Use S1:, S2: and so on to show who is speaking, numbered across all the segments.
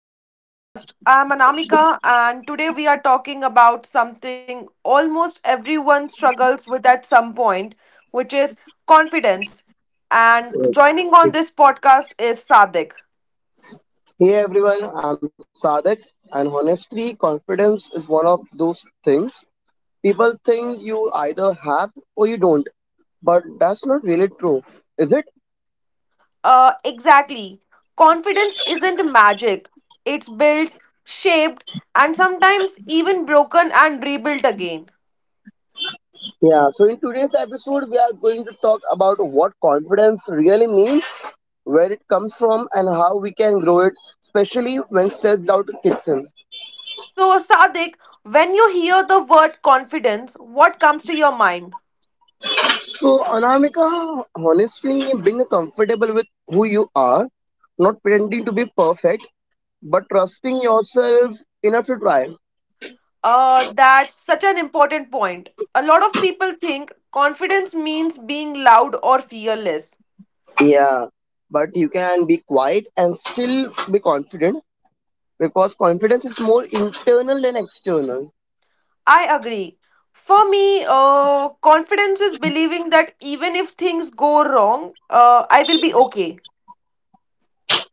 S1: to our podcast. I'm Anamika, and today we are talking about something almost everyone struggles with at some point, which is confidence. And joining on this podcast is Sadik.
S2: Hey everyone, I'm Sadak, and honestly, confidence is one of those things people think you either have or you don't, but that's not really true, is it?
S1: Exactly. Confidence isn't magic, it's built, shaped, and sometimes even broken and rebuilt again.
S2: Yeah, so in today's episode, we are going to talk about what confidence really means, where it comes from, and how we can grow it, especially when self doubt kicks in.
S1: So, Sadik, when you hear the word confidence, what comes to your mind?
S2: So, Anamika, honestly, being comfortable with who you are, not pretending to be perfect but trusting yourself enough to try.
S1: That's such an important point. A lot of people think confidence means being loud or fearless.
S2: Yeah. But you can be quiet and still be confident because confidence is more internal than external.
S1: I agree. For me, confidence is believing that even if things go wrong, I will be okay.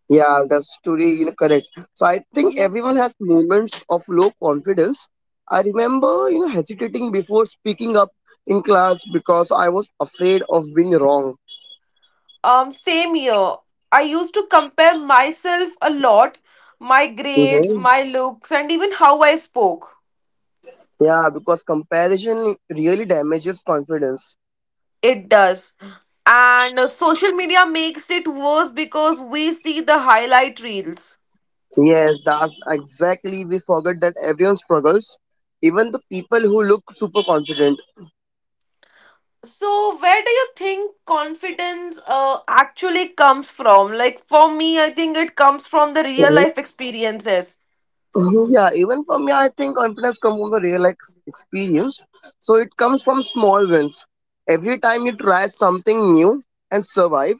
S2: Yeah, that's truly correct. So I think
S1: Mhm.
S2: everyone has moments of low confidence. I remember hesitating before speaking up in class because I was afraid of being wrong.
S1: Same here. I used to compare myself a lot, my grades,
S2: Mm-hmm.
S1: my looks, and even how I spoke.
S2: Yeah, because comparison really damages confidence.
S1: It does. And social media makes it worse because we see the highlight reels.
S2: Yes, that's exactly. We forget that everyone struggles, even the people who look super confident.
S1: So, where do you think confidence actually comes from? Like, for me, I think it comes from the real
S2: Mhm.
S1: life experiences.
S2: Mhm, yeah, even for me, I think confidence comes from the real experience. So it comes from small wins. Every time you try something new and survive,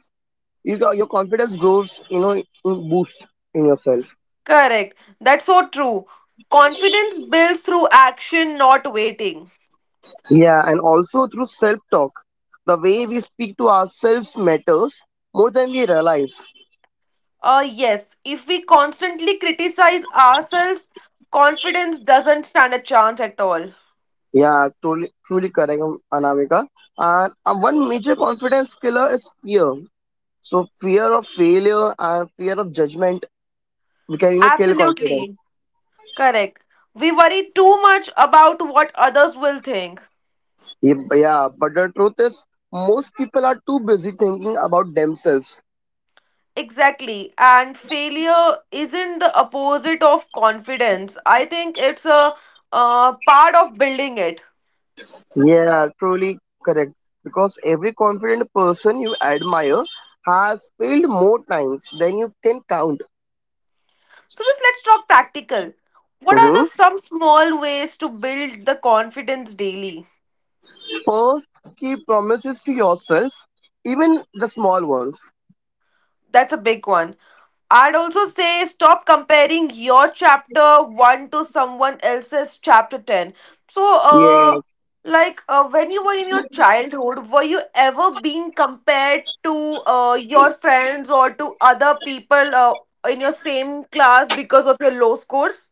S2: your confidence grows. Boost in yourself.
S1: Correct. That's so true. Confidence builds through action, not waiting.
S2: Yeah, and also through self talk, the way we speak to ourselves matters more than we realize.
S1: Yes, if we constantly criticize ourselves, confidence doesn't stand a chance at all.
S2: Yeah, truly, truly correct, Anamika. And one major confidence killer is fear. So fear of failure and fear of judgment, we can kill confidence.
S1: Absolutely. Correct. We worry too much about what others will think.
S2: Yeah, but the truth is, most people are too busy thinking about themselves.
S1: Exactly. And failure isn't the opposite of confidence. I think it's a part of building it.
S2: Yeah, truly correct. Because every confident person you admire has failed more times than you can count.
S1: So just let's talk practical. What are the
S2: Hmm.
S1: some small ways to build the confidence daily?
S2: First, keep promises to yourself, even the small ones.
S1: That's a big one. I'd also say stop comparing your chapter 1 to someone else's chapter 10. So,
S2: Yeah.
S1: like when you were in your childhood, were you ever being compared to your friends or to other people in your same class because of your low scores?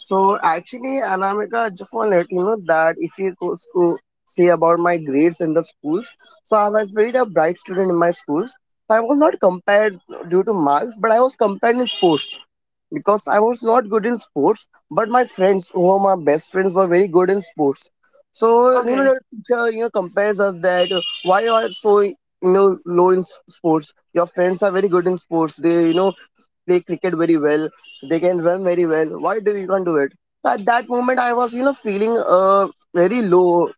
S2: So actually, Anamika, I just want to let you know that if you go to see about my grades in the schools, so I was very a bright student in my schools. I was not compared due to marks, but I was compared in sports because I was not good in sports, but my friends, who were my best friends, were very good in sports. So
S1: Okay.
S2: the teacher compares us that why you are so low in sports. Your friends are very good in sports. They play cricket very well. They can run very well. Why do you can't do it? At that moment, I was feeling very low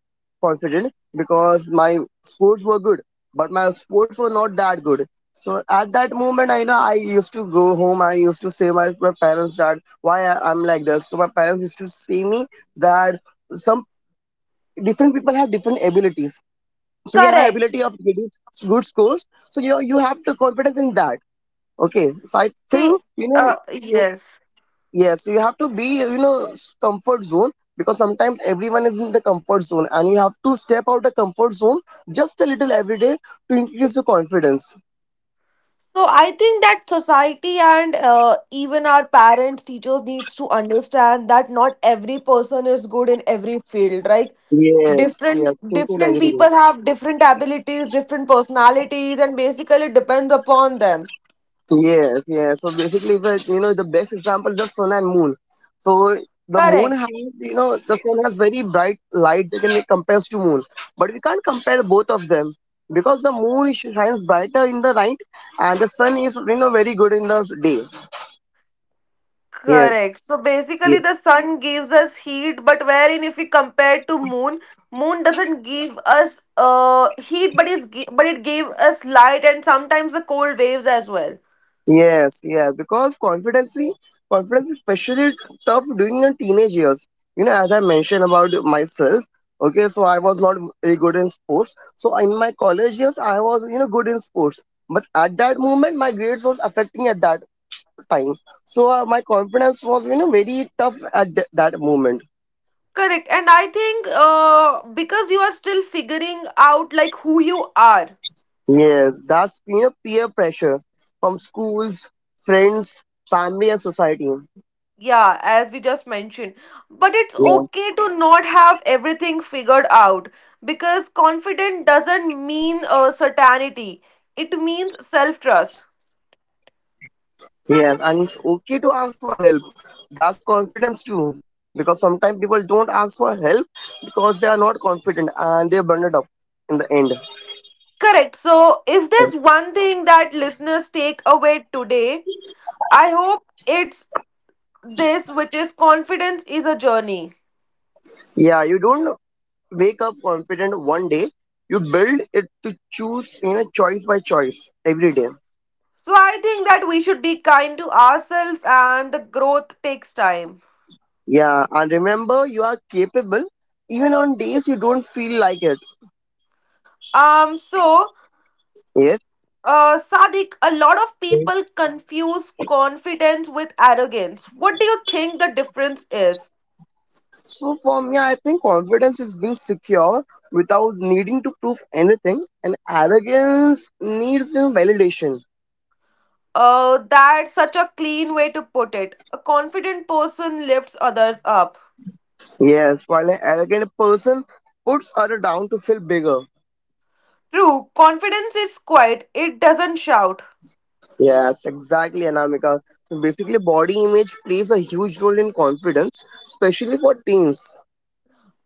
S2: confident because my sports were good, but my sports were not that good so at that moment, I know I used to go home. I used to say my parents that why I'm like this. So my parents used to say me that some different people have different abilities. So you have an ability of
S1: Correct.
S2: getting good scores. So you have to confidence in that. Okay. So I
S1: See,
S2: think
S1: yes.
S2: yes, you have to be comfort zone because sometimes everyone is in the comfort zone and you have to step out the comfort zone just a little every day to increase your confidence.
S1: So I think that society and even our parents, teachers needs to understand that not every person is good in every field. Right?
S2: Yes,
S1: different
S2: yes,
S1: different
S2: totally agree.
S1: people have different abilities, different personalities, and basically it depends upon them.
S2: Yes, yes. So basically, if I- you know, the best example is the sun and moon. So the moon
S1: Correct.
S2: has, you know, the sun has very bright light that can be compared to moon, but we can't compare both of them because the moon shines brighter in the night and the sun is, you know, very good in the day. Yes,
S1: Correct. So basically
S2: yes.
S1: the sun gives us heat, but wherein if we compare to moon, moon doesn't give us heat, but it gave us light and sometimes the cold waves as well.
S2: Yes, yeah, because confidence is especially tough during your teenage years. You know, as I mentioned about myself, okay, so I was not very good in sports. So in my college years, I was good in sports, but at that moment, my grades was affecting at that time. So my confidence was very tough at that moment.
S1: Correct. And I think because you are still figuring out like who you are.
S2: Yes, that's peer pressure from schools, friends, family, and society.
S1: Yeah, as we just mentioned. But it's okay
S2: Yeah.
S1: to not have everything figured out because confident doesn't mean certainty. It means self-trust.
S2: Yeah, and it's okay to ask for help. That's confidence too. Because sometimes people don't ask for help because they are not confident and they burn it up in the end.
S1: Correct. So if there's one thing that listeners take away today, I hope it's this, which is confidence is a journey.
S2: Yeah, you don't wake up confident one day. You build it to choose, choice by choice every day.
S1: So I think that we should be kind to ourselves and the growth takes time.
S2: Yeah, and remember you are capable even on days you don't feel like it.
S1: Um so
S2: Yes.
S1: uh Sadiq, a lot of people confuse confidence with arrogance. What do you think the difference is?
S2: So for me, I think confidence is being secure without needing to prove anything, and arrogance needs some validation.
S1: That's such a clean way to put it. A confident person lifts others up.
S2: Yes, while an arrogant person puts other down to feel bigger.
S1: True, confidence is quiet, it doesn't shout.
S2: Yes, exactly, Anamika. So basically, body image plays a huge role in confidence, especially for teens.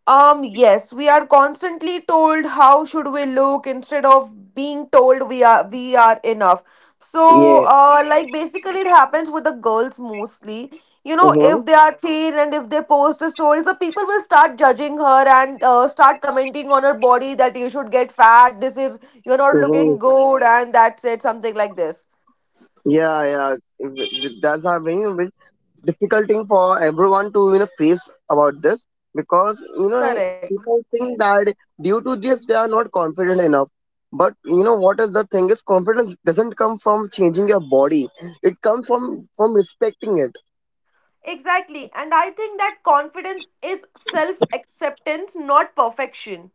S1: Yes, we are constantly told how should we look instead of being told we are enough. So,
S2: Yeah.
S1: like basically it happens with the girls mostly. You know,
S2: Mm-hmm.
S1: if they are thin and if they post a story, the people will start judging her and start commenting on her body that you should get fat. This is you're not
S2: Mm-hmm.
S1: looking good, and that's it. Something like this.
S2: Yeah, yeah. That's a very, very, difficult thing for everyone to face about this because
S1: Correct.
S2: people think that due to this they are not confident enough but what is the thing is confidence doesn't come from changing your body, it comes from respecting it.
S1: Exactly, and I think that confidence is self acceptance, not perfection.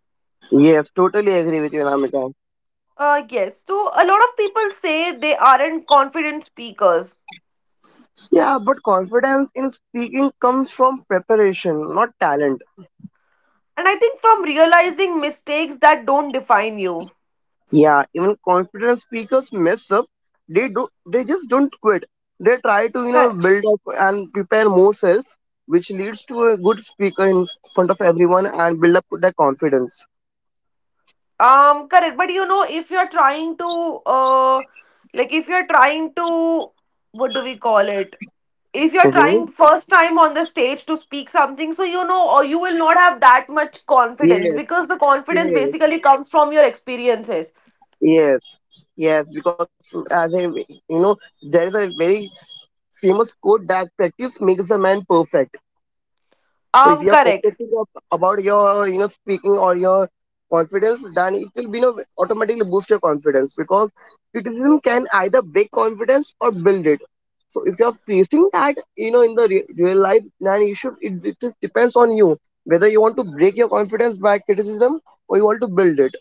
S2: Yes, totally agree with you, Namita.
S1: Yes. So a lot of people say they aren't confident speakers.
S2: Yeah, but confidence in speaking comes from preparation, not talent.
S1: And I think from realizing mistakes that don't define you.
S2: Yeah, even confident speakers mess up. They do. They just don't quit. They try to
S1: Cor-
S2: build up and prepare more self, which leads to a good speaker in front of everyone and build up their confidence.
S1: correct. But you know, if you're trying to, like if you're trying to, what do we call it? If you're
S2: Mm-hmm.
S1: trying first time on the stage to speak something, so you know, or you will not have that much
S2: Yes,
S1: confidence because the
S2: yes,
S1: confidence basically comes from your experiences.
S2: yes, yes. Because as a there is a very famous quote that practice makes a man perfect. So if you are
S1: Correct.
S2: practicing about your speaking or your confidence, then it will be automatically boost your confidence because criticism can either break confidence or build it. So if you are facing that in the real life, then it just depends on you whether you want to break your confidence by criticism or you want to build it.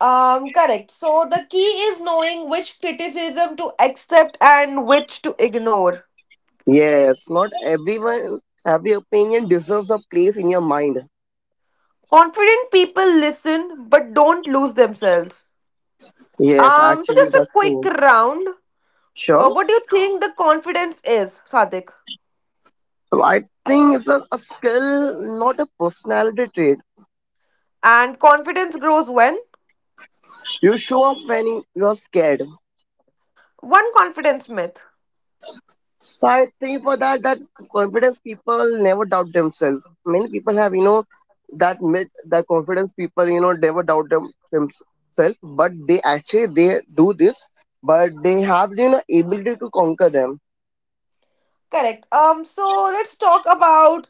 S1: Correct. So the key is knowing which criticism to accept and which to ignore.
S2: Yes, not everyone every opinion deserves a place in your mind.
S1: Confident people listen but don't lose themselves.
S2: Yes,
S1: So
S2: actually
S1: just a
S2: that's true.
S1: quick round.
S2: Sure.
S1: What do you think the confidence is, Sadik?
S2: Writing is a skill, not a personality trait.
S1: And confidence grows when?
S2: You show up when you are scared.
S1: One confidence myth.
S2: So I think for that, that confidence people never doubt themselves. Many people have, you know, that myth that confidence people, you know, never themselves, but they actually they do this, but they have, you know, ability to conquer them.
S1: Correct. So let's talk about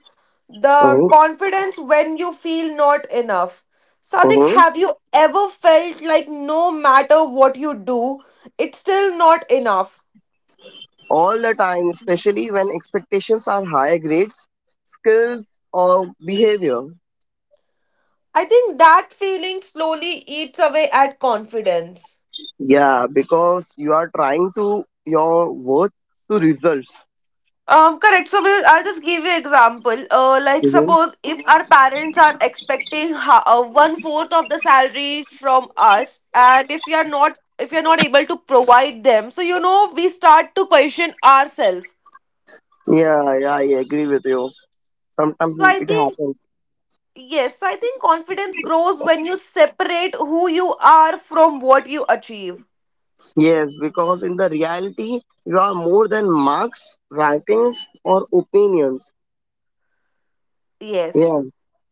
S1: the
S2: Hmm.
S1: confidence when you feel not enough. Sadik,
S2: Hmm.
S1: have you ever felt like no matter what you do, it's still not enough?
S2: All the time, especially when expectations are high grades, skills or behavior.
S1: I think that feeling slowly eats away at confidence.
S2: Yeah, because you are trying to your work to results.
S1: Correct. So we'll, I'll just give you example. Like
S2: Mhm.
S1: suppose if our parents are expecting one fourth of the salary from us, and if we are not able to provide them, so we start to question ourselves.
S2: Yeah, yeah, I agree with you.
S1: So
S2: Sometimes
S1: I
S2: it
S1: think
S2: happens.
S1: yes. So I think confidence grows when you separate who you are from what you achieve.
S2: Yes, because in the reality, you are more than marks, rankings, or opinions.
S1: Yes,
S2: Yeah,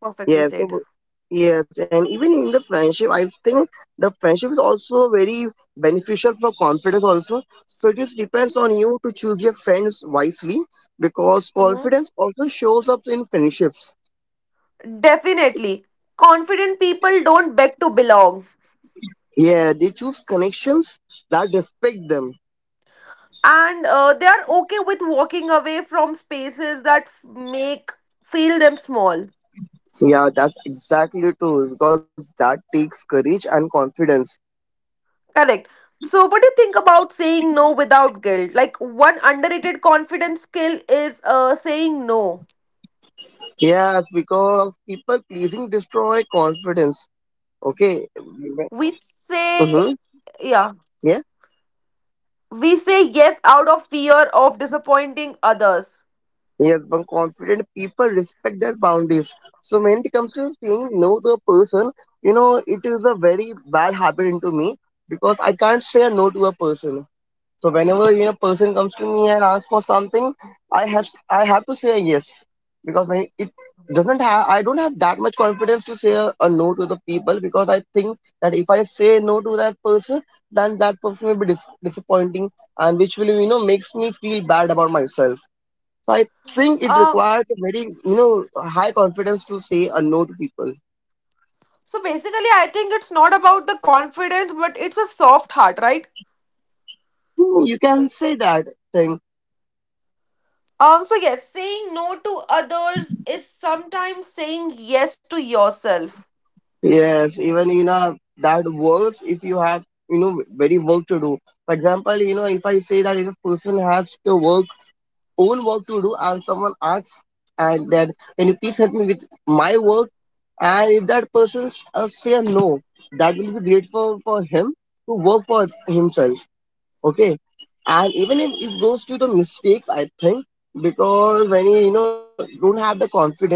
S1: perfectly
S2: yes,
S1: said.
S2: so- yes, and even in the friendship, I think the friendship is also very beneficial for confidence. Also, so it just depends on you to choose your friends wisely because
S1: Mhm.
S2: confidence also shows up in friendships.
S1: Definitely, confident people don't beg to belong.
S2: Yeah, they choose connections that respect them.
S1: And they are okay with walking away from spaces that make feel them small.
S2: Yeah, that's exactly true because that takes courage and confidence.
S1: Correct. So what do you think about saying no without guilt, like one underrated confidence skill is saying no.
S2: Yes, because people pleasing destroy confidence. Okay.
S1: we
S2: Mm-hmm.
S1: say yeah
S2: Yeah.
S1: we say yes out of fear of disappointing others.
S2: Yes, but confident people respect their boundaries. So when it comes to saying no to a person, you know, it is a very bad habit into me because I can't say a no to a person. So whenever person comes to me and asks for something, I have to say yes because when it doesn't have I don't have that much confidence to say a no to the people because I think that if I say no to that person, then that person will be disappointing and which will makes me feel bad about myself. So I think it
S1: um
S2: requires a very you know high confidence to say a no to people.
S1: so basically I think it's not about the confidence but it's a soft heart, right?
S2: Hmm, you can say that thing.
S1: So yes, saying no to others is sometimes saying yes to yourself.
S2: Yes, even in a that works if you have very work to do. For example, you know if I say that if a person has to work own work to do and someone asks and that, can you please help me with my work, and if that person say no, that will be great for him to work for himself. Okay, and even if it goes to the mistakes, I think because when you know don't have the confidence,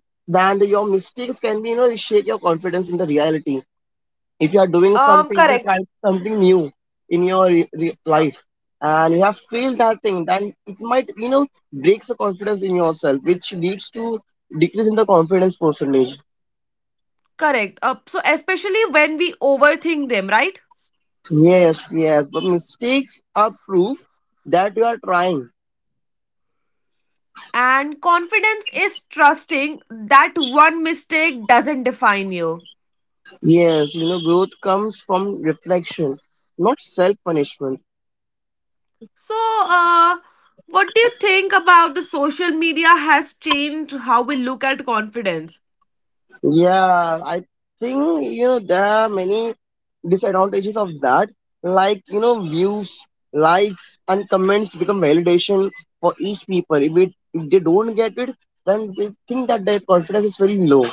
S2: then your mistakes can be shake your confidence in the reality if you are doing something,
S1: Correct.
S2: if you're trying something new in your
S1: Uh,
S2: life and you have failed that thing, then it might breaks the confidence in yourself, which leads to decrease in the confidence percentage.
S1: Correct. So especially when we overthink them, right?
S2: Yes, yes, but mistakes are proof that you are trying.
S1: And confidence is trusting that one mistake doesn't define you.
S2: Yes, growth comes from reflection, not self punishment.
S1: So, uh, what do you think about the social media has changed how we look at confidence?
S2: Yeah, I think there are many disadvantages of that. Like you know, views, likes, and comments become validation for each people. If they don't get it, then they think that their confidence is very low.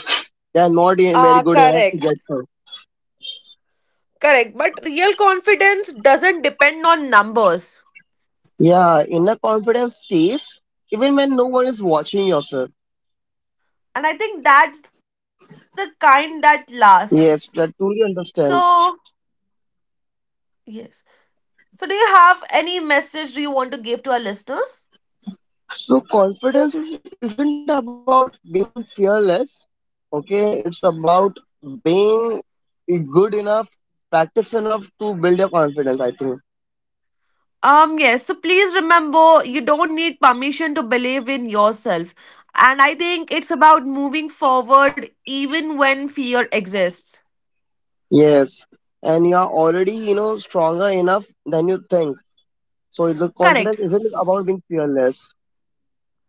S2: They are not very good enough to
S1: Correct.
S2: get it.
S1: Correct. But real confidence doesn't depend on numbers.
S2: Yeah, inner confidence stays even when no one is watching yourself.
S1: And I think that's the kind that lasts.
S2: Yes, that truly
S1: So,
S2: understands.
S1: yes. So, do you have any message do you want to give to our listeners?
S2: So confidence isn't about being fearless. Okay, it's about being good enough, practice enough to build your confidence. I think
S1: Yes. So please remember, you don't need permission to believe in yourself. And I think it's about moving forward even when fear exists.
S2: yes, and you are already stronger enough than you think. So the
S1: Correct.
S2: confidence isn't about being fearless.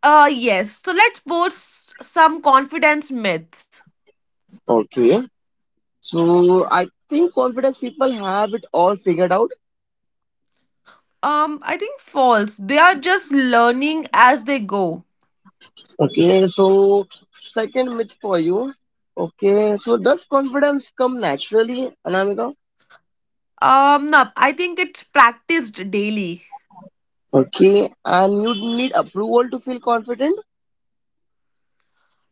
S1: Yes. So let's post some confidence myths.
S2: Okay, so I think confidence people have it all figured out.
S1: I think false. They are just learning as they go.
S2: Okay, so second myth for you. Okay, so does confidence come naturally, Anamika?
S1: No, I think it's practiced daily.
S2: Okay, and you need approval to feel confident?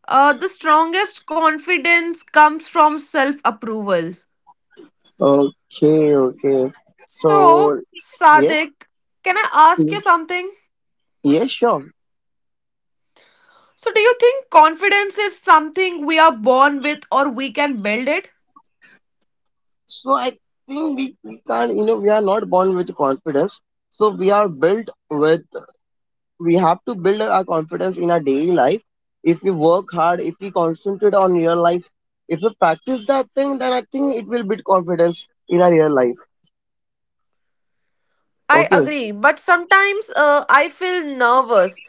S1: The strongest confidence comes from self approval.
S2: Okay, okay.
S1: So,
S2: So, yes,
S1: Sadik, can I ask
S2: mm,
S1: you something?
S2: yes, sure.
S1: So, do you think confidence is something we are born with or we can build it?
S2: So, I think we can't, you know, we are not born with confidence. So, we are built with, we have to build our confidence in our daily life. If we work hard, if we concentrate on real life, if we practice that thing, then I think it will build confidence in our real life.
S1: I
S2: Okay.
S1: agree, but sometimes I feel nervous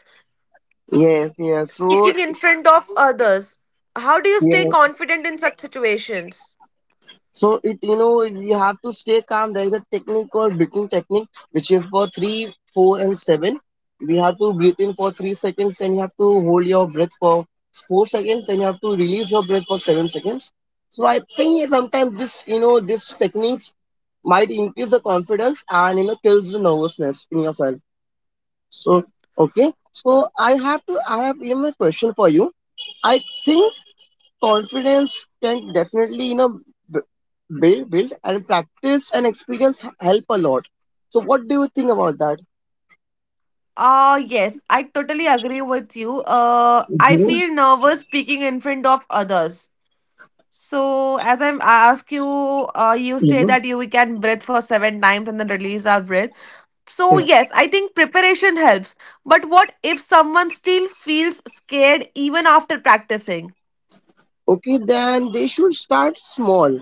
S2: Yes, yes. So,
S1: speaking in front of others. How do you stay
S2: yes.
S1: confident in such situations?
S2: So it you know you have to stay calm. There is a technique called breathing technique, which is for three, four, and seven. We have to breathe in for 3 seconds, and you have to hold your breath for 4 seconds, and you have to release your breath for 7 seconds. So I think sometimes this you know this techniques might increase the confidence and kills the nervousness in yourself. So okay, so I have to I have you know, a question for you. I think confidence can definitely b- build and practice and experience help a lot. So what do you think about that?
S1: Yes, I totally agree with you. I feel
S2: Yes,
S1: nervous speaking in front of others. So, as I ask you, you say
S2: even
S1: that you we can breathe for 7 times and then release our breath. So, yes, I think preparation helps. But what if someone still feels scared even after practicing?
S2: okay, then they should start small.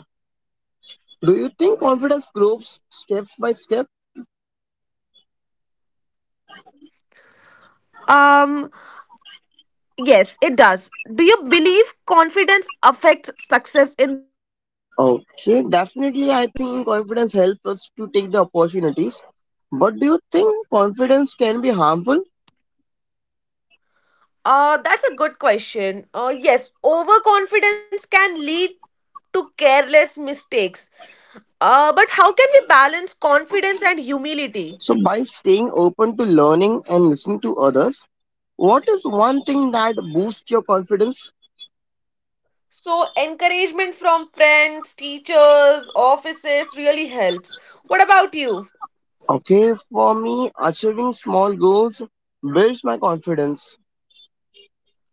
S2: Do you think confidence grows steps by step?
S1: Um, yes, it does. Do you believe confidence affects success in life?
S2: Okay, definitely, I think confidence helps us to take the opportunities, but do you think confidence can be harmful?
S1: That's a good question. Yes, overconfidence can lead to careless mistakes. But how can we balance confidence and humility?
S2: So by staying open to learning and listening to others. What is one thing that boosts your confidence?
S1: So, encouragement from friends, teachers, offices really helps. What about you?
S2: Okay, for me, achieving small goals builds my confidence.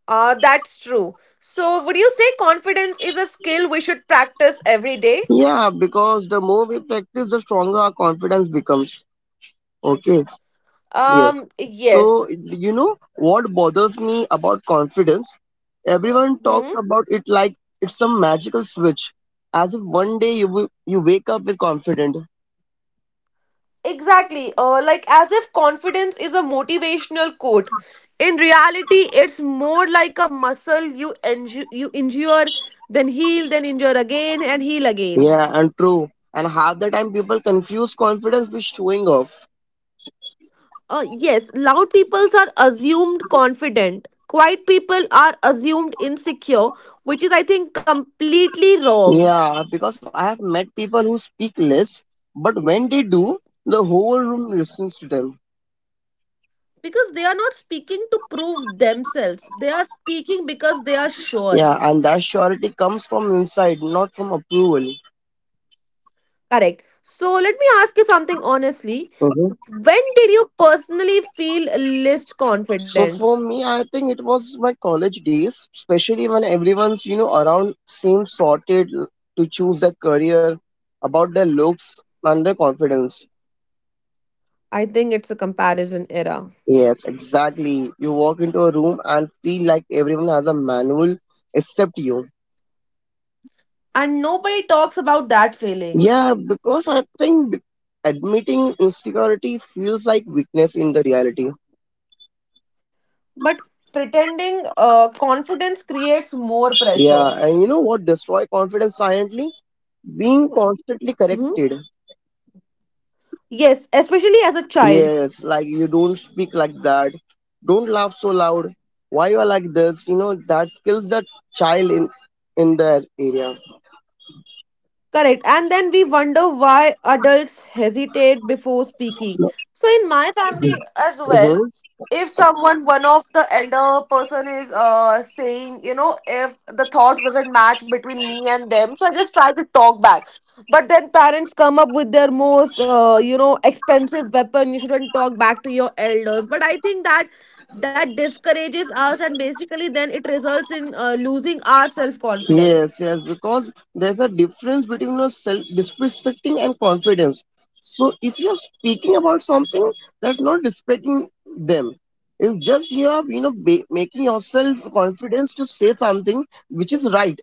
S1: That's true. So, would you say confidence is a skill we should practice every day?
S2: Yeah, because the more we practice, the stronger our confidence becomes. Okay, yes. So,
S1: Yes.
S2: you know what bothers me about confidence? Everyone
S1: Hmm.
S2: talks about it like it's some magical switch, as if one day you wake up with confident.
S1: Exactly. Like as if confidence is a motivational quote. In reality, it's more like a muscle you injure, then heal, then injure again and heal again.
S2: Yeah, and true. And half the time, people confuse confidence with showing off.
S1: Yes, loud peoples are assumed confident. Quiet people are assumed insecure, which is, I think, completely wrong.
S2: Yeah, because I have met people who speak less, but when they do, the whole room listens to them.
S1: Because they are not speaking to prove themselves. They are speaking because they are sure.
S2: Yeah, and that surety comes from inside, not from approval.
S1: Correct. So let me ask you something honestly.
S2: Mhm.
S1: When did you personally feel least
S2: So
S1: confident?
S2: for me, I think it was my college days, especially when everyone's around seems sorted to choose their career, about their looks and their confidence.
S1: I think it's a comparison era.
S2: Yes, exactly. You walk into a room and feel like everyone has a manual except you.
S1: And nobody talks about that feeling.
S2: Yeah, because I think admitting insecurity feels like weakness in the reality.
S1: But pretending confidence creates more
S2: Yeah,
S1: pressure.
S2: and you know what destroy confidence silently? Being constantly
S1: Mhm.
S2: corrected.
S1: Yes, especially as a child.
S2: Yes, like you don't speak like that. Don't laugh so loud. Why you are like this? You know that kills the child in that area.
S1: Correct. And then we wonder why adults hesitate before speaking. So in my family as well,
S2: Mhm.
S1: if someone, one of the elder person is saying, if the thoughts doesn't match between me and them, so I just try to talk back. But then parents come up with their most, expensive weapon. You shouldn't talk back to your elders. But I think that that discourages us, and basically then it results in losing our self
S2: Yes,
S1: confidence.
S2: yes, because there's a difference between the self disrespecting and confidence. So if you're speaking about something that's not respecting them, it's just you are making yourself confidence to say something which is right.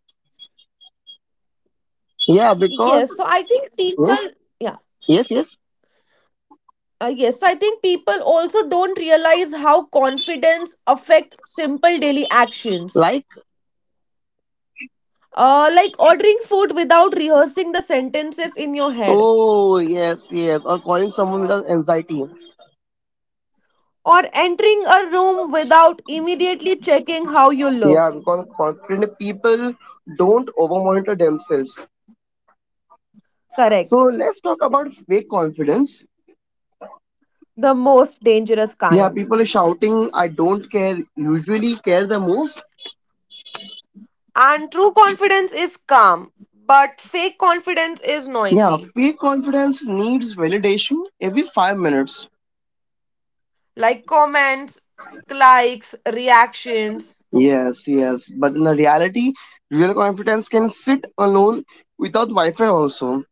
S2: Yeah, because
S1: Yes, so I think.
S2: yes,
S1: Yeah,
S2: yes, yes.
S1: People also don't realize how confidence affects simple daily actions.
S2: Like
S1: Like ordering food without rehearsing the sentences in your head,
S2: oh yes, yes, or calling someone without anxiety.
S1: or entering a room without immediately checking how you
S2: Yeah,
S1: look.
S2: because confident people don't over monitor themselves. So
S1: Correct.
S2: let's talk about fake confidence.
S1: The most dangerous
S2: Yeah,
S1: kind.
S2: people are shouting, I don't care, usually care the most.
S1: And true confidence is calm, but fake confidence is
S2: Yeah,
S1: noisy.
S2: fake confidence needs validation every 5 minutes.
S1: Like comments, likes, reactions.
S2: Yes, yes. But in the reality, real confidence can sit alone without Wi Fi also.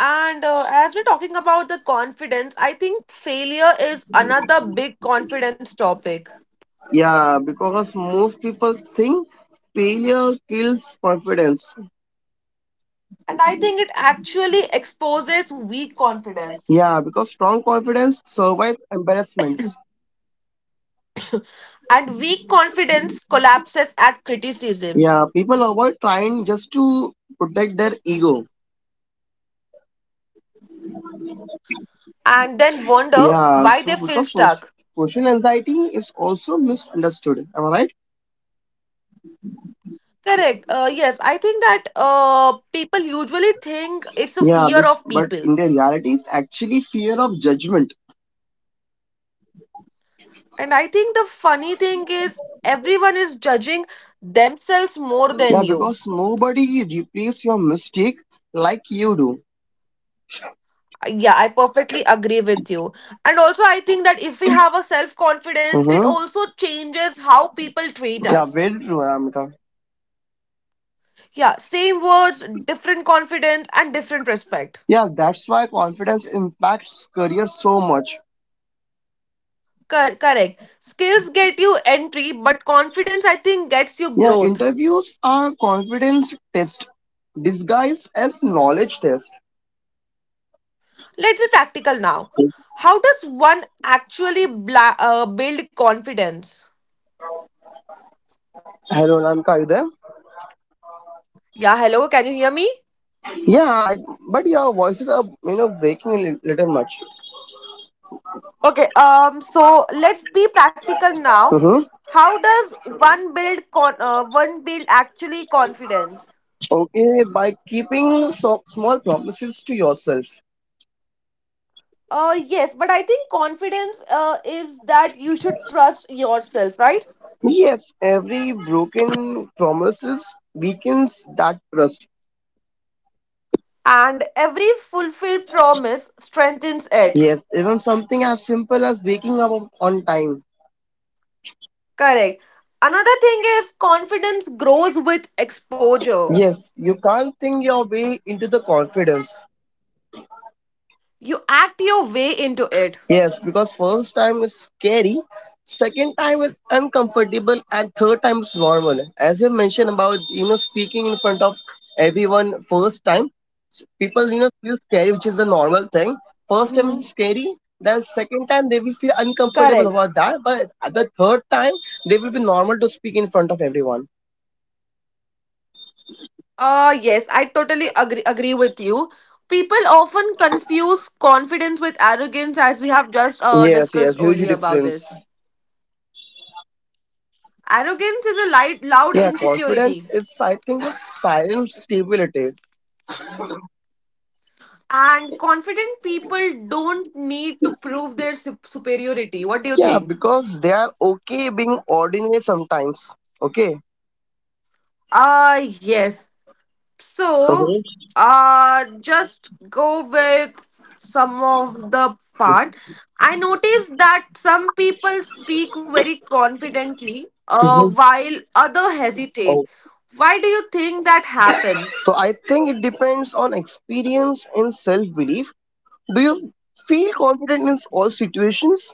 S1: And as we're talking about the confidence, I think failure is another big confidence topic.
S2: Yeah, because most people think failure kills confidence.
S1: And I think it actually exposes weak confidence.
S2: Yeah, because strong confidence survives embarrassments.
S1: And weak confidence collapses at criticism
S2: Yeah, people avoid trying just to protect their ego.
S1: and then wonder why they feel stuck.
S2: Yeah, so because social anxiety is also misunderstood, am I right?
S1: Correct. Yes, I think that people usually think it's a fear of
S2: Yeah,
S1: people.
S2: but in the reality, it's actually fear of judgment.
S1: And I think the funny thing is, everyone is judging themselves more
S2: Yeah,
S1: than you.
S2: because nobody replaces your mistake like you do.
S1: Yeah, I perfectly agree with you. And also, I think that if we have a self confidence, it
S2: Mm-hmm.
S1: also changes how people treat
S2: Yeah,
S1: us.
S2: very true, Ramika.
S1: Yeah, same words, different confidence, and different respect.
S2: Yeah, that's why confidence impacts career so much.
S1: Correct. Skills get you entry, but confidence, I think, gets you
S2: Yeah,
S1: growth.
S2: interviews are confidence test disguised as knowledge test.
S1: Let's be practical now. How does one actually build confidence?
S2: Hello, Ramika, are you there?
S1: Yeah, hello, can you hear me?
S2: Yeah, I, but your voices are breaking a little much.
S1: Okay, so let's be practical now.
S2: Mhm.
S1: How does one build actually confidence?
S2: Okay, by keeping so small promises to yourself.
S1: Yes, but I think confidence is that you should trust yourself, right?
S2: Yes, every broken promises weakens that trust.
S1: And every fulfilled promise strengthens it.
S2: Yes, even something as simple as waking up on time.
S1: Correct. Another thing is confidence grows with exposure.
S2: Yes, you can't think your way into the confidence.
S1: You act your way into it.
S2: Yes, because first time is scary, second time is uncomfortable, and third time is normal. As you mentioned about speaking in front of everyone first time, people feel scary, which is the
S1: Mhm.
S2: normal thing. First time is scary, then
S1: Correct.
S2: second time they will feel uncomfortable about that, but at the third time they will be normal to speak in front of everyone.
S1: Yes, I totally agree with you. People often confuse confidence with arrogance, as we have just discussed earlier
S2: Yes,
S1: about
S2: yes, huge
S1: this.
S2: difference.
S1: Arrogance is a light, loud
S2: Yeah,
S1: insecurity,
S2: confidence is I think a silent stability.
S1: and confident people don't need to prove their superiority. What do you
S2: Yeah,
S1: think?
S2: because they are okay being ordinary sometimes. Okay.
S1: Yes. So,
S2: Mhm,
S1: just go with some of the part. I noticed that some people speak very confidently,
S2: mhm.
S1: while other hesitate.
S2: Oh.
S1: Why do you think that happens?
S2: So I think it depends on experience and self belief. Do you feel confident in all situations?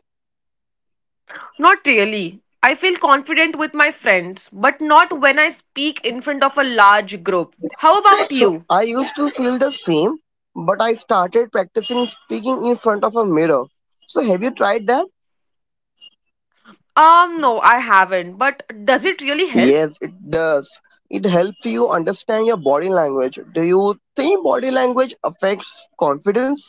S1: Not really. I feel confident with my friends, but not when I speak in front of a large group. How about
S2: So
S1: you?
S2: I used to feel the same, but I started practicing speaking in front of a mirror. So have you tried that?
S1: No, I haven't. But does it really help?
S2: Yes, it does. It helps you understand your body language. Do you think body language affects confidence?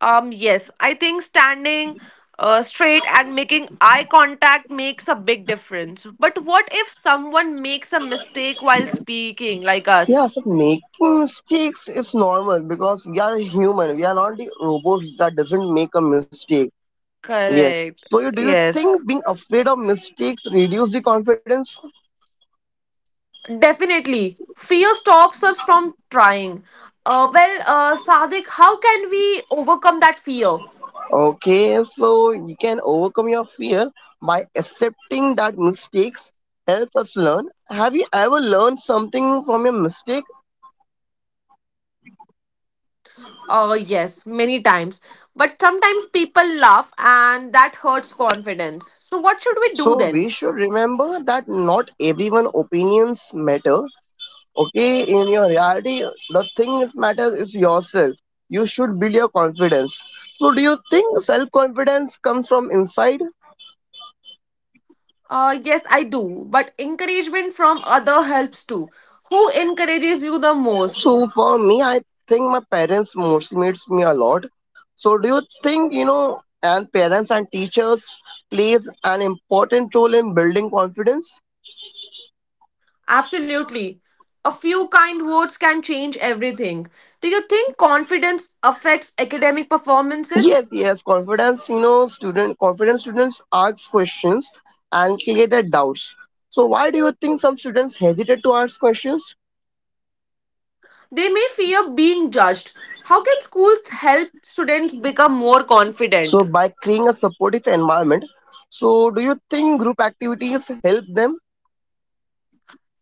S1: Yes, I think standing straight and making eye contact makes a big difference. But what if someone makes a mistake while speaking, like us?
S2: Yeah, so making mistakes is normal because we are human. We are not the robot that doesn't make a mistake. Yes.
S1: Correct.
S2: So do you
S1: Yes.
S2: think being afraid of mistakes reduce the confidence?
S1: Definitely. Fear stops us from trying. Well, Sadik, how can we overcome that fear?
S2: Okay, so you can overcome your fear by accepting that mistakes help us learn. Have you ever learned something from your mistake?
S1: Yes, many times. But sometimes people laugh and that hurts confidence. So, what should we do then?
S2: So we should remember that not everyone opinions matter, okay, in your reality. The thing that matters is yourself. You should build your confidence. So do you think self confidence comes from inside?
S1: Yes, I do. But encouragement from other helps too. Who encourages you the most?
S2: So for me, I think my parents motivates me a lot. So do you think you know and parents and teachers plays an important role in building confidence?
S1: Absolutely. A few kind words can change everything. Do you think confidence affects academic
S2: yes
S1: performances?
S2: yes confidence you know student confident students ask questions and create their doubts. So why do you think some students hesitate to ask questions?
S1: They may fear being judged. How can schools help students become more
S2: So
S1: confident?
S2: by creating a supportive environment, so do you think group activities help them?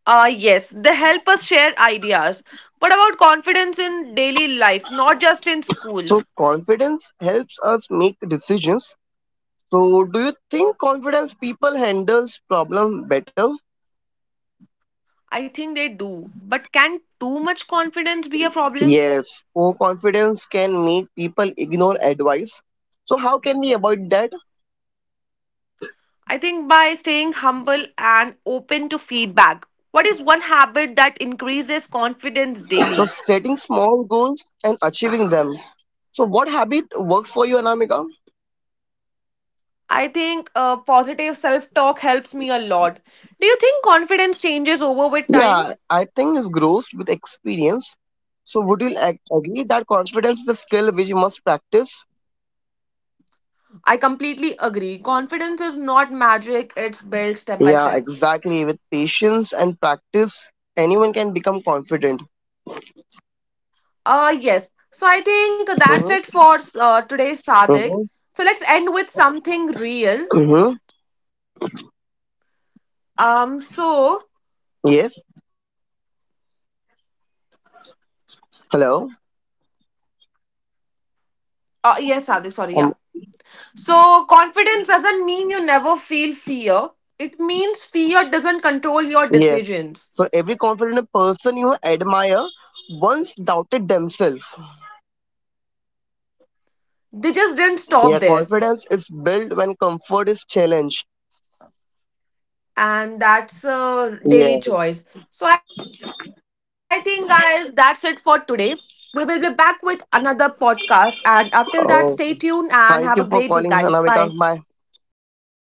S1: Yes, they help us share ideas. What about confidence in daily life, not just in school?
S2: So confidence helps us make decisions. So do you think confidence people handles problem better?
S1: I think they do. But can too much confidence be a problem?
S2: Yes, overconfidence can make people ignore advice. So how can we avoid that?
S1: I think by staying humble and open to feedback. What is one habit that increases confidence
S2: So
S1: daily?
S2: setting small goals and achieving them. So what habit works for you, Anamika?
S1: I think positive self talk helps me a lot. Do you think confidence changes over with time?
S2: Yeah, I think it grows with experience. So would you agree that confidence is a skill which you must practice?
S1: I completely agree. Confidence is not magic, it's built step by
S2: Yeah,
S1: step.
S2: exactly. With patience and practice, anyone can become confident.
S1: Yes. So I think that's
S2: Mm-hmm.
S1: it for today's Sadik.
S2: Mm-hmm.
S1: So let's end with something real.
S2: Mm-hmm.
S1: Um, so
S2: Yes. Hello.
S1: Uh, yes, Sadik, sorry,
S2: Um,
S1: yeah. So, confidence doesn't mean you never feel fear. It means fear doesn't control your
S2: yes.
S1: decisions.
S2: So every confident person you admire once doubted themselves.
S1: They just didn't
S2: Yeah,
S1: stop there.
S2: confidence is built when comfort is challenged.
S1: And that's a daily
S2: Yes.
S1: choice. So, I think, guys, that's it for today. We will be back with another podcast. And up till that, stay tuned and have a
S2: Oh,
S1: great day, guys.
S2: thank
S1: Bye.
S2: you for calling, Hanamika. Bye.